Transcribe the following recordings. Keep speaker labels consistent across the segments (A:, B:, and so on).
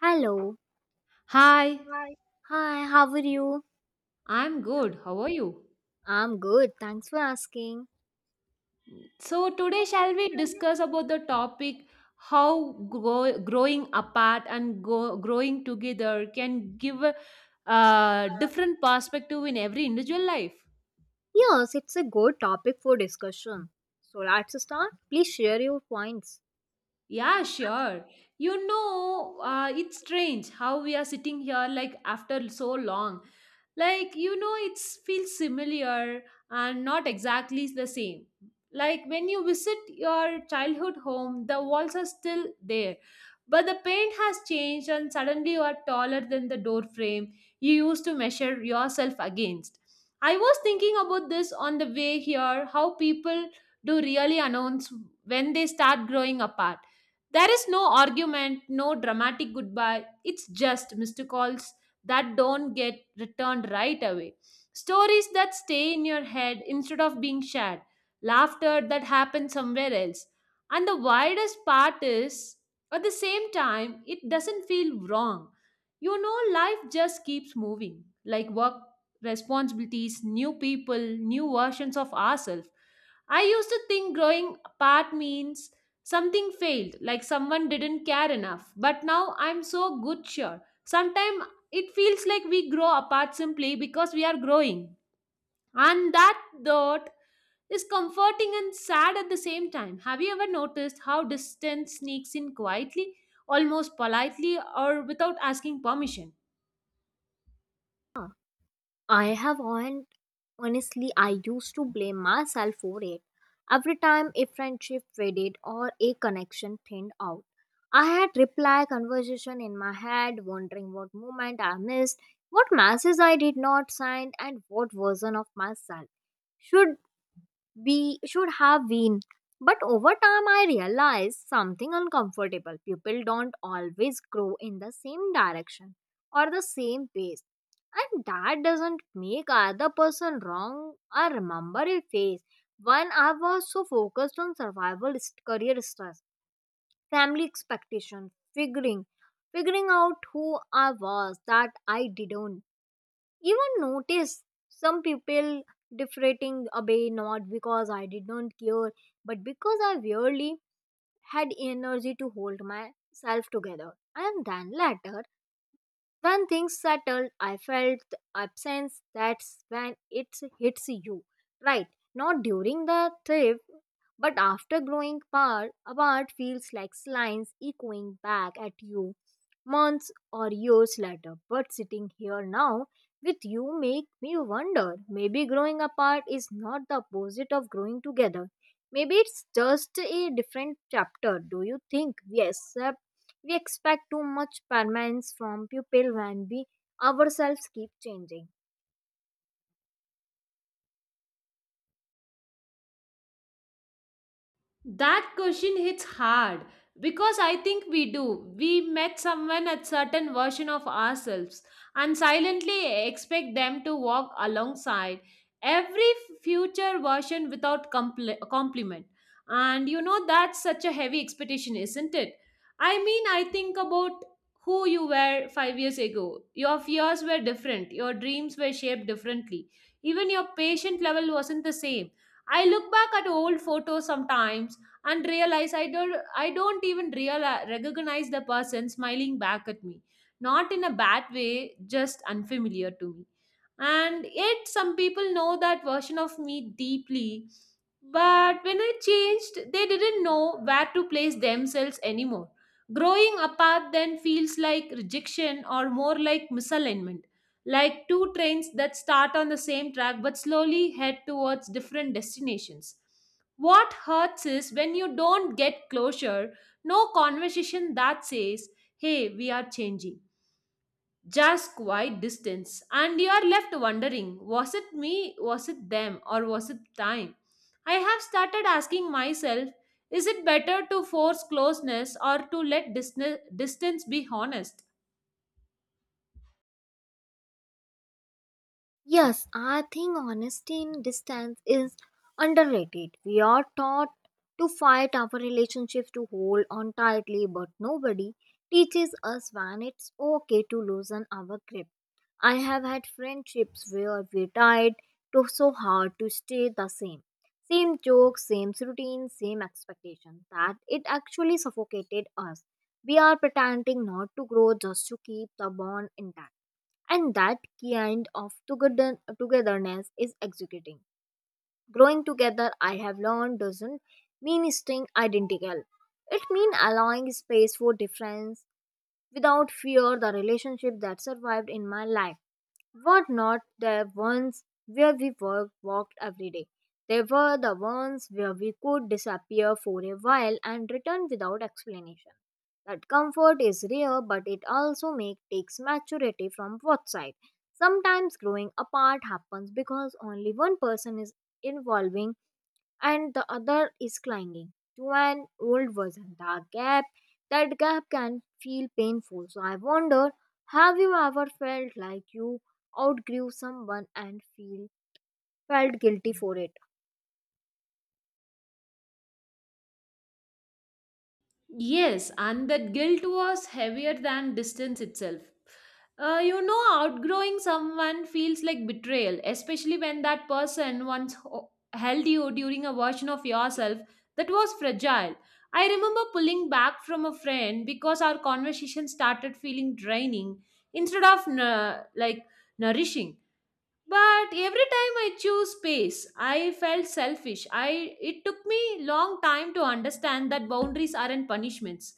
A: Hello.
B: Hi,
A: Hi. Hi, how are you?
B: I'm good. How are you?
A: I'm good. Thanks for asking.
B: So today shall we discuss about the topic how growing apart and growing together can give a different perspective in every individual life.
A: Yes, it's a good topic for discussion. So let's start. Please share your points.
B: Yeah, sure. It's strange how we are sitting here like after so long. It feels similar and not exactly the same. Like when you visit your childhood home, the walls are still there, but the paint has changed, and suddenly you are taller than the door frame you used to measure yourself against. I was thinking about this on the way here how people do really announce when they start growing apart. There is no argument, no dramatic goodbye. It's just missed calls that don't get returned right away. Stories that stay in your head instead of being shared. Laughter that happens somewhere else. And the widest part is, at the same time, it doesn't feel wrong. You know, life just keeps moving like work, responsibilities, new people, new versions of ourselves. I used to think growing apart means something failed, like someone didn't care enough, but now I'm so good sure. Sometimes it feels like we grow apart simply because we are growing. And that thought is comforting and sad at the same time. Have you ever noticed how distance sneaks in quietly, almost politely, or without asking permission?
A: I have on Honestly, I used to blame myself for it. Every time a friendship faded or a connection thinned out. I had reply conversation in my head, wondering what moment I missed, what messages I did not send, and what version of myself should we should have been. But over time, I realized something uncomfortable. People don't always grow in the same direction or the same pace. And that doesn't make other person wrong. I remember a phase when I was so focused on survival, career stress, family expectation, figuring out who I was that I didn't even notice some people deflating away, not because I did not care, but because I really had energy to hold myself together. And then later, when things settled, I felt the absence. That's when it hits you, right? Not during the trip, but after growing par apart feels like lines echoing back at you months or years later. But sitting here now with you make me wonder, maybe growing apart is not the opposite of growing together. Maybe it's just a different chapter. Do you think? Yes, we expect too much permanence from people when we ourselves keep changing.
B: That question hits hard because I think we do. We met someone at certain version of ourselves and silently expect them to walk alongside every future version without compliment. And you know that's such a heavy expectation, isn't it? I mean, I think about who you were 5 years ago. Your fears were different, your dreams were shaped differently. Even your patient level wasn't the same. I look back at old photos sometimes and realize I don't even realize recognize the person smiling back at me. Not in a bad way, just unfamiliar to me. And yet some people know that version of me deeply. But when I changed, they didn't know where to place themselves anymore. Growing apart then feels like rejection or more like misalignment, like two trains that start on the same track but slowly head towards different destinations. What hurts is when you don't get closure, no conversation that says, hey, we are changing. Just quiet distance. And you are left wondering, was it me, was it them, or was it time? I have started asking myself, is it better to force closeness or to let distance be honest?
A: Yes, I think honesty in distance is underrated. We are taught to fight our relationships, to hold on tightly, but nobody teaches us when it's okay to loosen our grip. I have had friendships where we tried to so hard to stay the same. Same jokes, same routine, same expectation that it actually suffocated us. We are pretending not to grow just to keep the bond intact, and that kind of togetherness is executing. Growing together, I have learned, doesn't mean staying identical. It means allowing space for difference without fear. The relationship that survived in my life were not the ones where we walked every day. They were the ones where we could disappear for a while and return without explanation. That comfort is rare, but it also takes maturity from both sides. Sometimes growing apart happens because only one person is involving and the other is clinging to an old version. That gap can feel painful. So I wonder, have you ever felt like you outgrew someone and feel felt guilty for it?
B: Yes, and that guilt was heavier than distance itself. Outgrowing someone feels like betrayal, especially when that person once held you during a version of yourself that was fragile. I remember pulling back from a friend because our conversation started feeling draining instead of nourishing. But every time I choose space, I felt selfish. I it took me long time to understand that boundaries aren't punishments,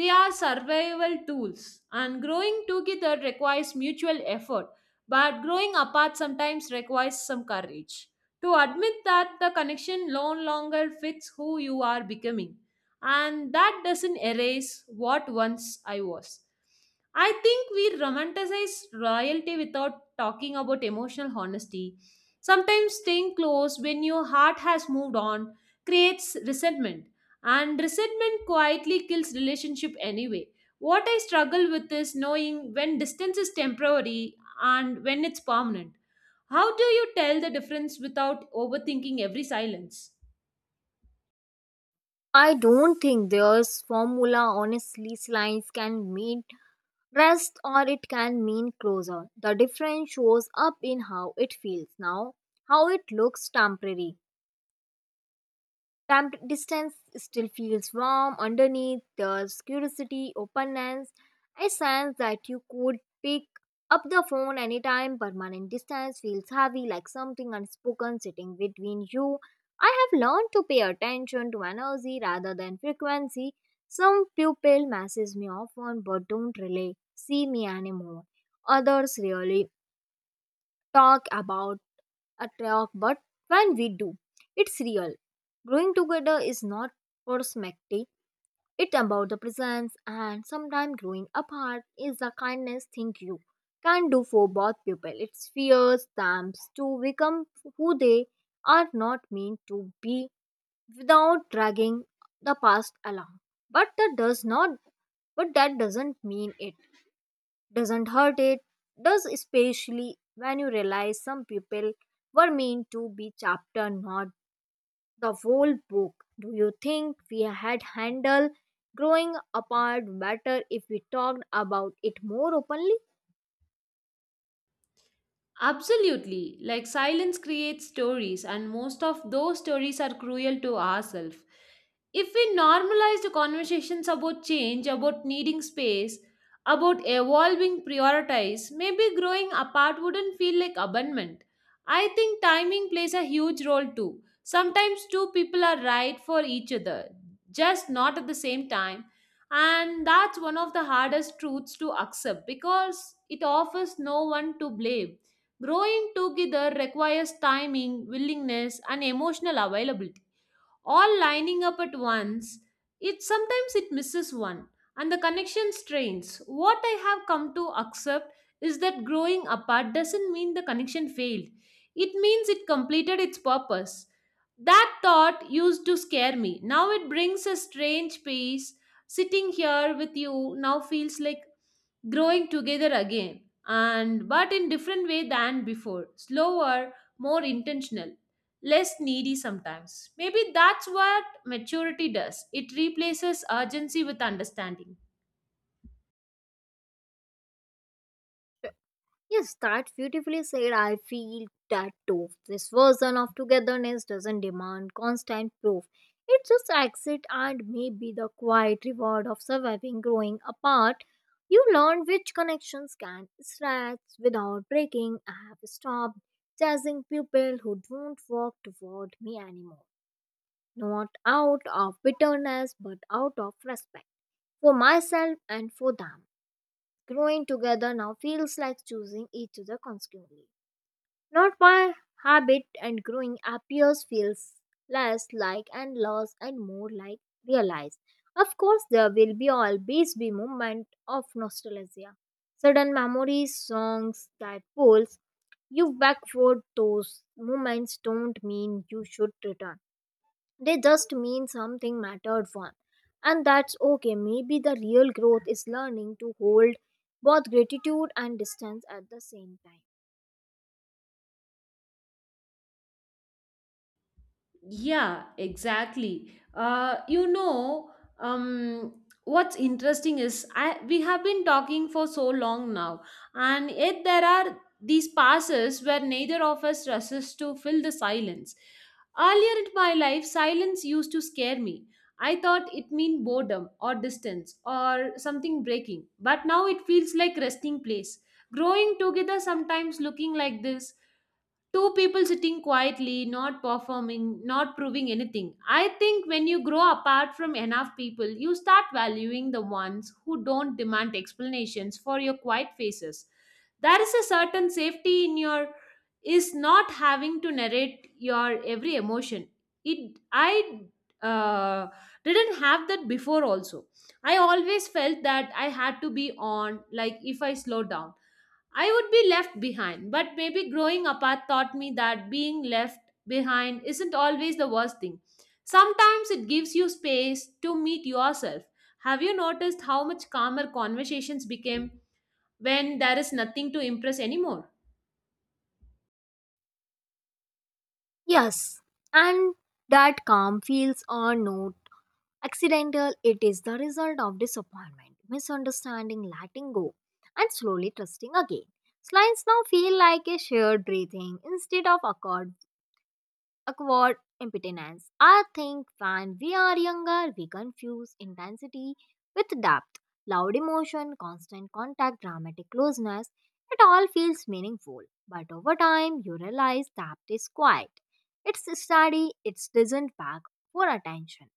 B: they are survival tools. And growing together requires mutual effort, but growing apart sometimes requires some courage to admit that the connection no longer fits who you are becoming, and that doesn't erase what once I was. I think we romanticize royalty without talking about emotional honesty. Sometimes staying close when your heart has moved on creates resentment, and resentment quietly kills relationship anyway. What I struggle with is knowing when distance is temporary and when it's permanent. How do you tell the difference without overthinking every silence?
A: I don't think there's formula. Honestly, slice can mean rest or it can mean closer. The difference shows up in how it feels now, how it looks temporary. Time distance still feels warm underneath the curiosity, openness. I sense that you could pick up the phone anytime. Permanent distance feels heavy, like something unspoken sitting between you. I have learned to pay attention to energy rather than frequency. Some people message me often but don't really see me anymore. Others really talk about a talk, but when we do, it's real. Growing together is not prosmatic, it's about the presence, and sometimes growing apart is the kindness thing you can do for both people. It fears them to become who they are not meant to be without dragging the past along. But that does not but that doesn't mean it doesn't hurt. It does, especially when you realize some people were meant to be chapter, not the whole book. Do you think we had handled growing apart better if we talked about it more openly?
B: Absolutely. Like silence creates stories, and most of those stories are cruel to ourselves. If we normalize the conversations about change, about needing space, about evolving priorities, maybe growing apart wouldn't feel like abandonment. I think timing plays a huge role too. Sometimes two people are right for each other, just not at the same time. And that's one of the hardest truths to accept because it offers no one to blame. Growing together requires timing, willingness, and emotional availability all lining up at once. It sometimes it misses one and the connection strains. What I have come to accept is that growing apart doesn't mean the connection failed. It means it completed its purpose. That thought used to scare me. Now it brings a strange peace. Sitting here with you now feels like growing together again, and but in different way than before, slower, more intentional, less needy sometimes. Maybe that's what maturity does, it replaces urgency with understanding.
A: Yes, that beautifully said. I feel that too. This version of togetherness doesn't demand constant proof. It just exits and may be the quiet reward of surviving growing apart. You learn which connections can stretch without breaking. I have stopped chasing people who don't walk toward me anymore. Not out of bitterness, but out of respect for myself and for them. Growing together now feels like choosing each other constantly. Not by habit, and growing appears feels less like and lost and more like realized. Of course, there will be always be moment of nostalgia. Sudden memories, songs that pulls you back, for those moments don't mean you should return. They just mean something mattered one. And that's okay. Maybe the real growth is learning to hold both gratitude and distance at the same time.
B: Yeah, exactly. What's interesting is I we have been talking for so long now, and yet there are these passes where neither of us resists to fill the silence. Earlier in my life, silence used to scare me. I thought it meant boredom or distance or something breaking, but now it feels like resting place. Growing together sometimes looking like this, two people sitting quietly, not performing, not proving anything. I think when you grow apart from enough people, you start valuing the ones who don't demand explanations for your quiet faces. There is a certain safety in your is not having to narrate your every emotion. It I uh, didn't have that before also. I always felt that I had to be on, like if I slow down, I would be left behind, but maybe growing apart taught me that being left behind isn't always the worst thing. Sometimes it gives you space to meet yourself. Have you noticed how much calmer conversations became when there is nothing to impress anymore?
A: Yes, and that calm feels or not accidental, it is the result of disappointment, misunderstanding, letting go, and slowly trusting again. Slides now feel like a shared breathing instead of a chord acquired impotence. I think when we are younger, we confuse intensity with depth. Loud emotion, constant contact, dramatic closeness, it all feels meaningful. But over time, you realize depth is quiet. It's steady, it doesn't beg for attention.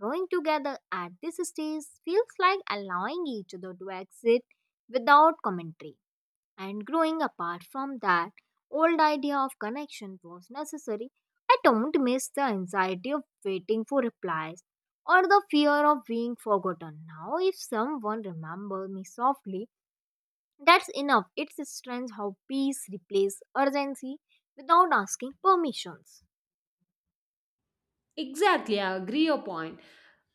A: Growing together at this stage feels like allowing each other to exist without commentary, and growing apart from that old idea of connection was necessary. I don't miss the anxiety of waiting for replies or the fear of being forgotten. Now, if someone remembers me softly, that's enough. It's strange how peace replaces urgency without asking permissions.
B: Exactly, I agree your point.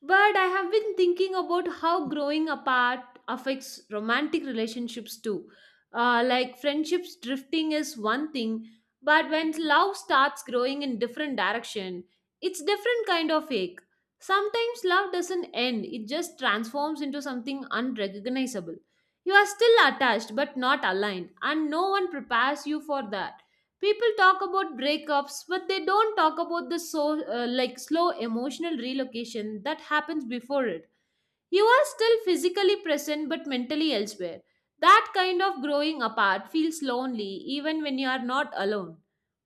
B: But I have been thinking about how growing apart affects romantic relationships too. Like friendships drifting is one thing, but when love starts growing in different direction, it's different kind of ache. Sometimes love doesn't end; it just transforms into something unrecognizable. You are still attached but not aligned, and no one prepares you for that. People talk about breakups but they don't talk about the like slow emotional relocation that happens before it. You are still physically present but mentally elsewhere. That kind of growing apart feels lonely even when you are not alone.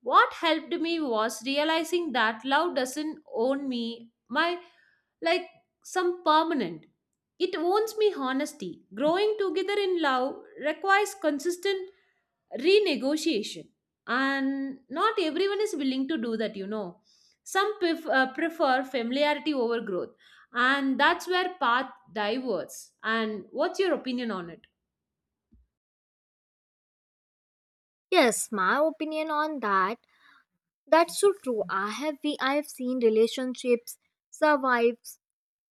B: What helped me was realizing that love doesn't own me, my like some permanent. It owns me honesty. Growing together in love requires consistent renegotiation, and not everyone is willing to do that. You know, some prefer familiarity over growth, and that's where paths diverse. And what's your opinion on it?
A: Yes, my opinion on that. That's so true. I have seen relationships survive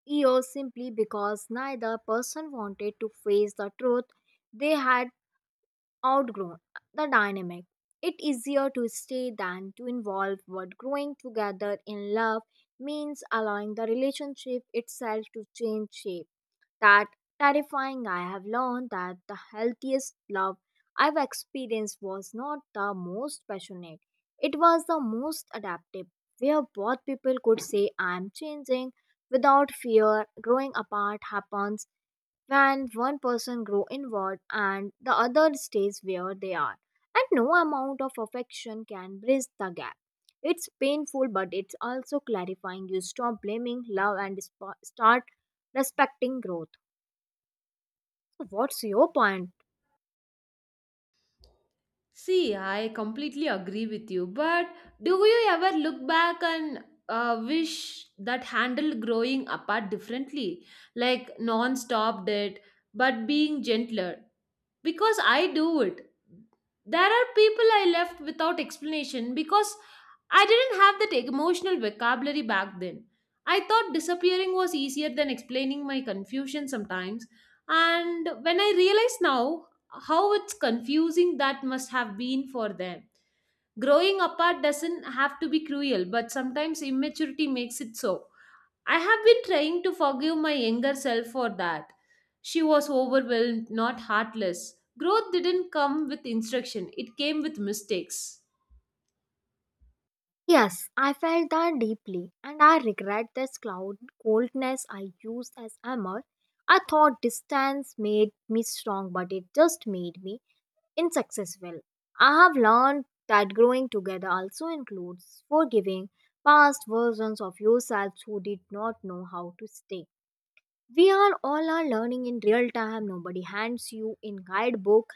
A: years simply because neither person wanted to face the truth they had outgrown the dynamic. It easier to stay than to involve, but growing together in love means allowing the relationship itself to change shape. That terrifying. I have learned that the healthiest love I've experienced was not the most passionate, it was the most adaptive, where both people could say, I'm changing, without fear. Growing apart happens when one person grows inward and the other stays where they are, and no amount of affection can bridge the gap. It's painful, but it's also clarifying. You stop blaming love and start respecting growth. What's your point?
B: See, I completely agree with you, but do you ever look back and wish that handled growing apart differently, like non-stop did but being gentler? Because I do it. There are people I left without explanation because I didn't have that emotional vocabulary back then. I thought disappearing was easier than explaining my confusion sometimes, and when I realize now how it's confusing that must have been for them. Growing apart doesn't have to be cruel, but sometimes immaturity makes it so. I have been trying to forgive my younger self for that. She was overwhelmed, not heartless. Growth didn't come with instruction, it came with mistakes.
A: Yes, I felt that deeply, and I regret this cloud coldness I used as armor. I thought distance made me strong, but it just made me unsuccessful. I have learned that growing together also includes forgiving past versions of yourselves who did not know how to stay. We are all are learning in real time. Nobody hands you in guidebook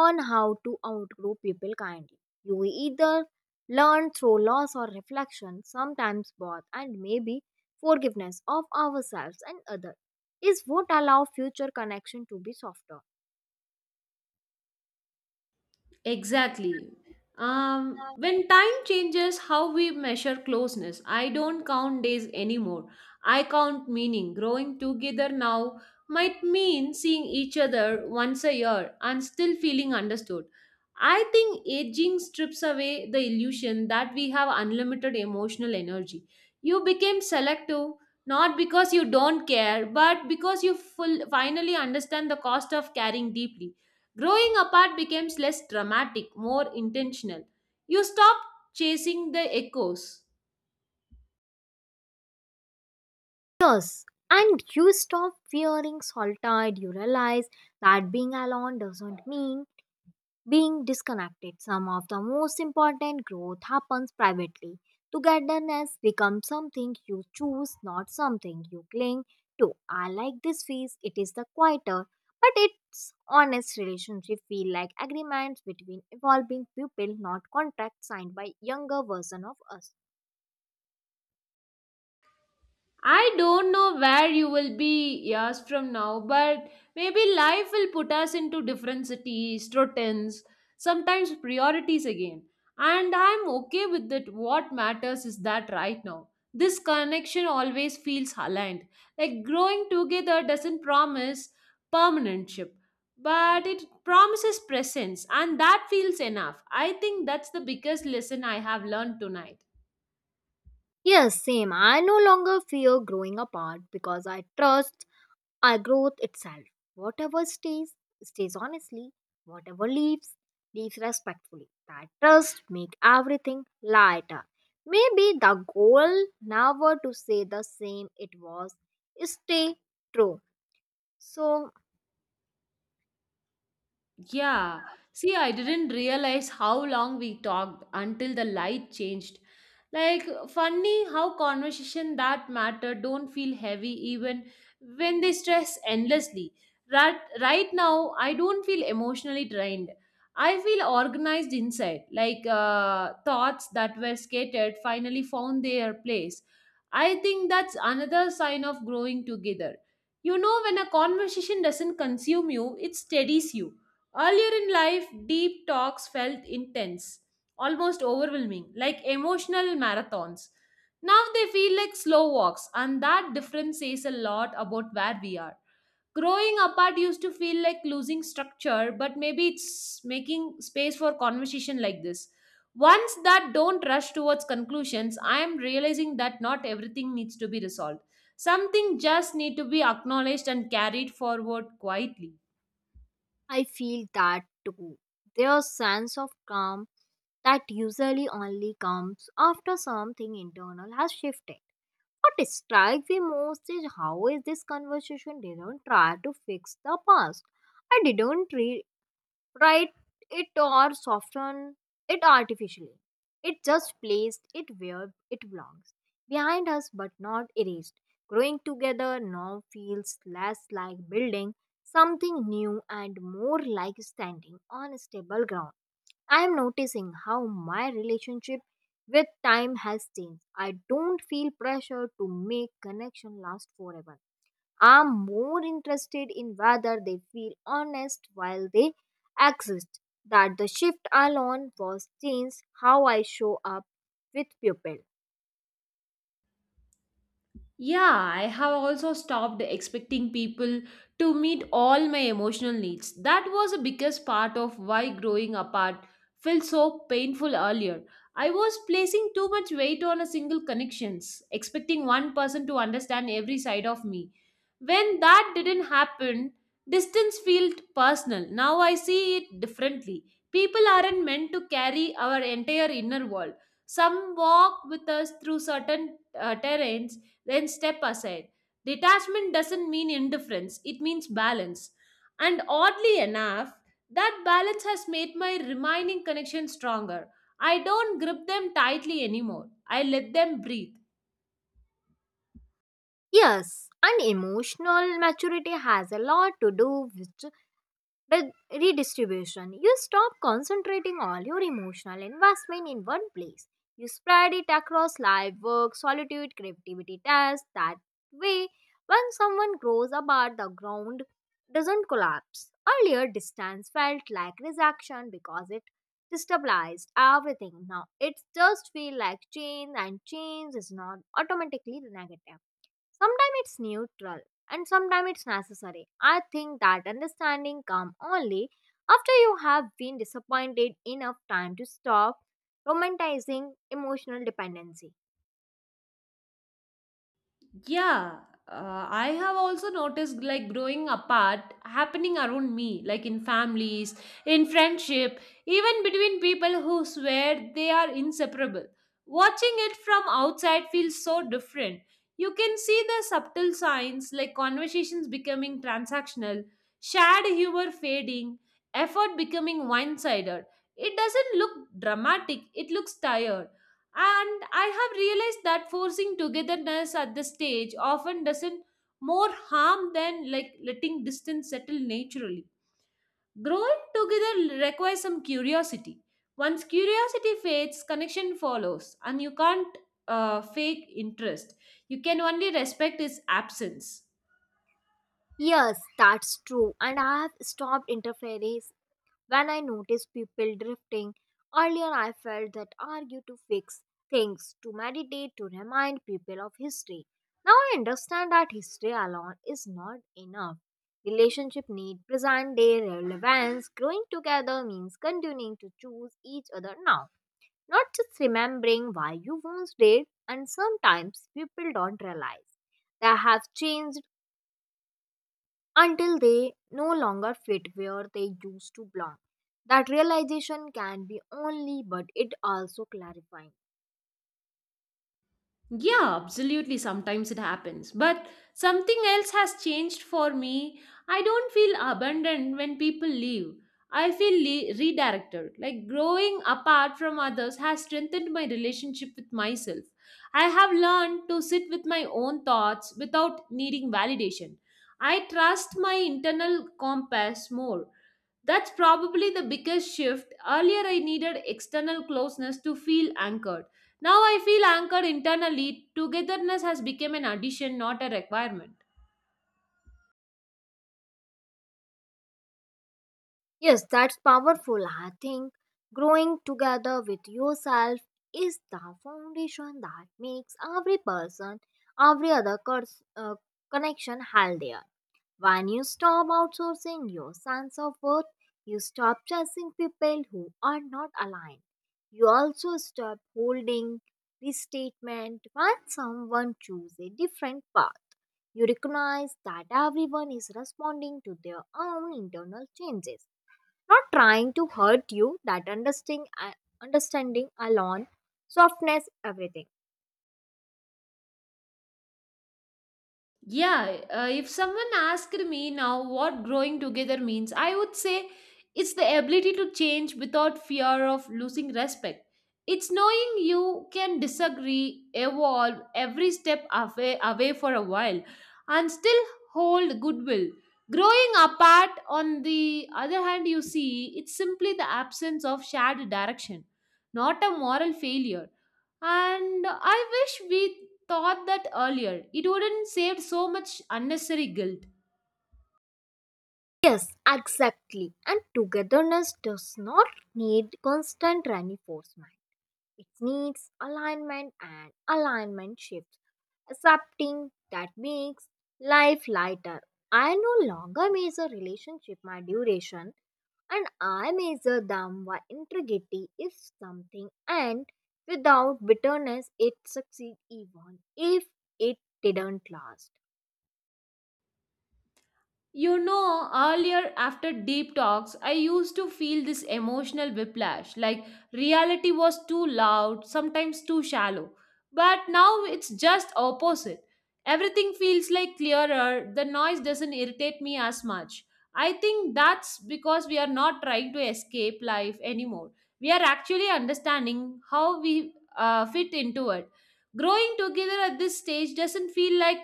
A: on how to outgrow people kindly. You either learn through loss or reflection, sometimes both, and maybe forgiveness of ourselves and others is what allow future connection to be softer.
B: Exactly. When time changes how we measure closeness, I don't count days anymore. I count meaning. Growing together now might mean seeing each other once a year and still feeling understood. I think aging strips away the illusion that we have unlimited emotional energy. You became selective not because you don't care, but because you finally understand the cost of caring deeply. Growing apart becomes less dramatic, more intentional. You stop chasing the echoes.
A: Yes, and you stop fearing solitude. You realize that being alone doesn't mean being disconnected. Some of the most important growth happens privately. Togetherness becomes something you choose, not something you cling to. I like this phase, it is the quieter, but it's honest. Relationship feel like agreements between evolving people, not contracts signed by younger version of us.
B: I don't know where you will be years from now, but maybe life will put us into different cities, routines, sometimes priorities again. And I'm okay with that. What matters is that right now. This connection always feels aligned. Like growing together doesn't promise permanentship, but it promises presence, and that feels enough. I think that's the biggest lesson I have learned tonight.
A: Yes, same. I no longer fear growing apart because I trust our growth itself. Whatever stays, stays honestly. Whatever leaves, leaves respectfully. That trust make everything lighter. Maybe the goal never to say the same it was. Stay true. So
B: Yeah. See, I didn't realize how long we talked until the light changed. Like, funny how conversation that matter don't feel heavy even when they stress endlessly. Right, right now, I don't feel emotionally drained. I feel organized inside, like thoughts that were scattered finally found their place. I think that's another sign of growing together. You know, when a conversation doesn't consume you, it steadies you. Earlier in life, deep talks felt intense, almost overwhelming, like emotional marathons. Now they feel like slow walks, and that difference says a lot about where we are. Growing apart used to feel like losing structure, but maybe it's making space for conversation like this. Ones that don't rush towards conclusions, I am realizing that not everything needs to be resolved. Something just need to be acknowledged and carried forward quietly.
A: I feel that too. Their sense of calm that usually only comes after something internal has shifted. What strikes me most is how is this conversation didn't try to fix the past. I didn't write it or soften it artificially. It just placed it where it belongs, behind us but not erased. Growing together now feels less like building something new and more like standing on stable ground. I am noticing how my relationship with time has changed. I don't feel pressure to make connection last forever. I'm more interested in whether they feel honest while they exist. That the shift alone was changed how I show up with people.
B: Yeah, I have also stopped expecting people to meet all my emotional needs. That was the biggest part of why growing apart felt so painful earlier. I was placing too much weight on a single connections, expecting one person to understand every side of me. When that didn't happen, distance felt personal. Now I see it differently. People aren't meant to carry our entire inner world. Some walk with us through certain terrains, then step aside. Detachment doesn't mean indifference, it means balance. And oddly enough, that balance has made my remaining connection stronger. I don't grip them tightly anymore. I let them breathe.
A: Yes, and emotional maturity has a lot to do with. But redistribution, you stop concentrating all your emotional investment in one place. You spread it across life, work, solitude, creativity, tasks. That way, when someone grows apart, the ground doesn't collapse. Earlier, distance felt like rejection because it destabilized everything. Now, it just feels like change, and change is not automatically negative. Sometimes it's neutral, and sometimes it's necessary. I think that understanding comes only after you have been disappointed enough time to stop romanticizing emotional dependency.
B: Yeah, I have also noticed like growing apart happening around me, like in families, in friendship, even between people who swear they are inseparable. Watching it from outside feels so different. You can see the subtle signs like conversations becoming transactional, shared humor fading, effort becoming one sided. It doesn't look dramatic, it looks tired, and I have realized that forcing togetherness at this stage often doesn't more harm than like letting distance settle naturally. Growing together requires some curiosity. Once curiosity fades, connection follows, and you can't fake interest. You can only respect its absence.
A: Yes, that's true, and I have stopped interfering. When I noticed people drifting, earlier I felt that argue to fix things, to meditate, to remind people of history. Now I understand that history alone is not enough. Relationship need present day relevance. Growing together means continuing to choose each other now, not just remembering why you once did. And sometimes people don't realize they have changed until they no longer fit where they used to belong. That realization can be only, but it also clarifying.
B: Yeah, absolutely. Sometimes it happens. But something else has changed for me. I don't feel abandoned when people leave. I feel redirected. Like growing apart from others has strengthened my relationship with myself. I have learned to sit with my own thoughts without needing validation. I trust my internal compass more. That's probably the biggest shift. Earlier, I needed external closeness to feel anchored. Now, I feel anchored internally. Togetherness has become an addition, not a requirement.
A: Yes, that's powerful. I think growing together with yourself is the foundation that makes every person, every other connection healthier. When you stop outsourcing your sense of worth, you stop chasing people who are not aligned. You also stop holding this statement when someone chooses a different path. You recognize that everyone is responding to their own internal changes, not trying to hurt you. That understanding, alone, softness, everything.
B: Yeah, if someone asked me now what growing together means, I would say it's the ability to change without fear of losing respect. It's knowing you can disagree, evolve every step away for a while, and still hold goodwill. Growing apart, on the other hand, you see, it's simply the absence of shared direction, not a moral failure. And I wish we thought that earlier, it wouldn't save so much unnecessary guilt.
A: Yes, exactly. And togetherness does not need constant reinforcement. It needs alignment, and alignment shifts. Accepting that makes life lighter. I no longer measure relationship by duration, and I measure them by integrity. If something and without bitterness it succeed, even if it didn't last.
B: You know, earlier after deep talks, I used to feel this emotional whiplash, like reality was too loud, sometimes too shallow. But now it's just opposite. Everything feels like clearer, the noise doesn't irritate me as much. I think that's because we are not trying to escape life anymore. We are actually understanding how we fit into it. Growing together at this stage doesn't feel like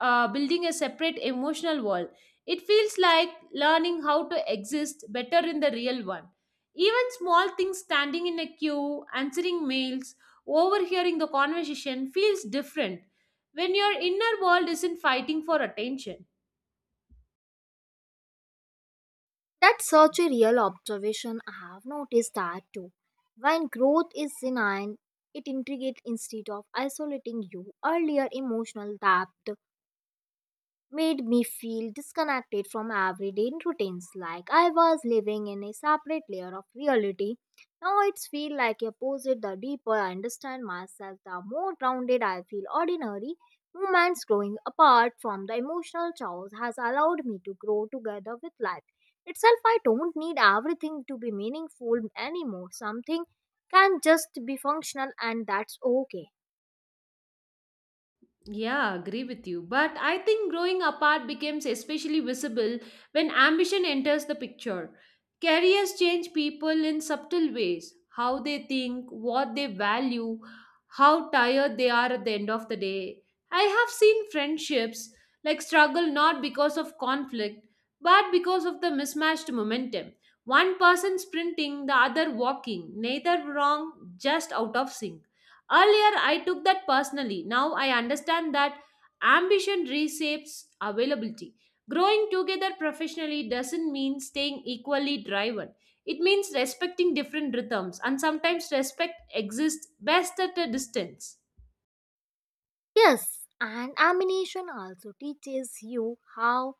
B: building a separate emotional wall, it feels like learning how to exist better in the real one. Even small things standing in a queue, answering mails, overhearing the conversation feels different when your inner world isn't fighting for attention.
A: That's such a real observation. I have noticed that too. When growth is benign, it integrates instead of isolating you. Earlier, emotional depth made me feel disconnected from everyday routines, like I was living in a separate layer of reality. Now it's feel like opposite. The deeper I understand myself, the more grounded I feel ordinary moments. Growing apart from the emotional chaos has allowed me to grow together with life itself. I don't need everything to be meaningful anymore. Something can just be functional, and that's okay.
B: Yeah, agree with you. But I think growing apart becomes especially visible when ambition enters the picture. Careers change people in subtle ways how they think, what they value, how tired they are at the end of the day. I have seen friendships like struggle not because of conflict, but because of the mismatched momentum. One person sprinting, the other walking, neither wrong, just out of sync. Earlier, I took that personally. Now I understand that ambition reshapes availability. Growing together professionally doesn't mean staying equally driven. It means respecting different rhythms, and sometimes respect exists best at a distance.
A: Yes, and amination also teaches you how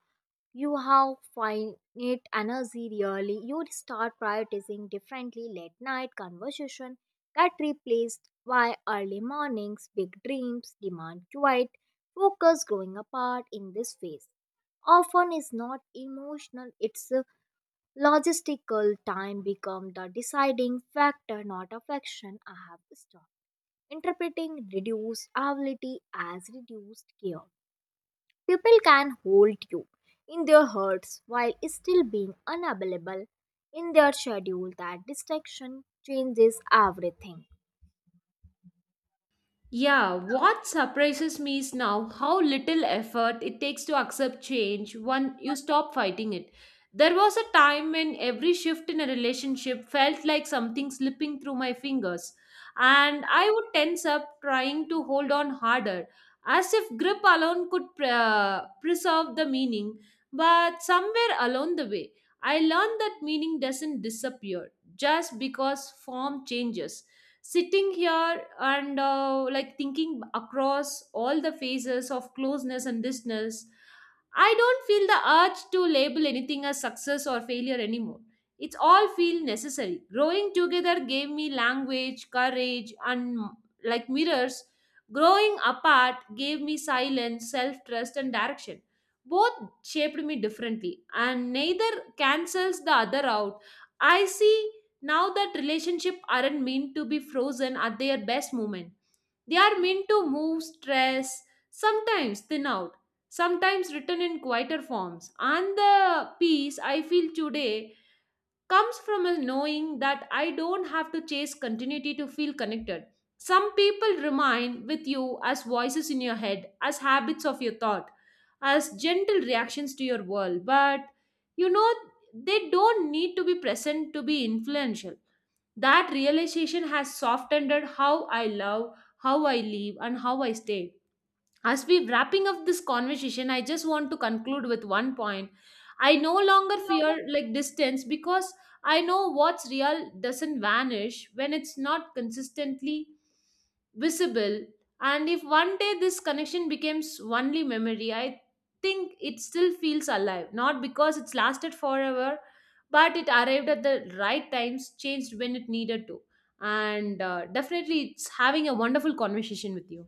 A: you have finite energy. Really, you start prioritizing differently. Late night conversation get replaced by early mornings. Big dreams demand quiet focus. Growing apart in this phase often is not emotional, it's a logistical. Time become the deciding factor, not affection. I have stopped interpreting reduced ability as reduced care. People can hold you in their hearts while still being unavailable in their schedule. That distraction changes everything.
B: Yeah, what surprises me is now how little effort it takes to accept change when you stop fighting it. There was a time when every shift in a relationship felt like something slipping through my fingers, and I would tense up trying to hold on harder, as if grip alone could preserve the meaning. But somewhere along the way, I learned that meaning doesn't disappear just because form changes. Sitting here and like thinking across all the phases of closeness and distance, I don't feel the urge to label anything as success or failure anymore. It's all feel necessary. Growing together gave me language, courage, and like mirrors. Growing apart gave me silence, self trust, and direction. Both shaped me differently, and neither cancels the other out. I see now that relationship aren't meant to be frozen at their best moment. They are meant to move, stress, sometimes thin out, sometimes written in quieter forms. And the peace I feel today comes from a knowing that I don't have to chase continuity to feel connected. Some people remain with you as voices in your head, as habits of your thought, as gentle reactions to your world, but you know, they don't need to be present to be influential. That realization has softened how I love, how I live, and how I stay. As we wrapping up this conversation, I just want to conclude with one point. I no longer
A: No
B: fear
A: Longer-
B: like distance because I know what's real doesn't vanish when it's not consistently visible. And if one day this connection becomes only memory, I think it still feels alive, not because it's lasted forever, but it arrived at the right times, changed when it needed to, and definitely it's having a wonderful conversation with you.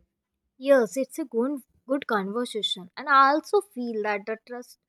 A: Yes, it's a good, good conversation, and I also feel that the trust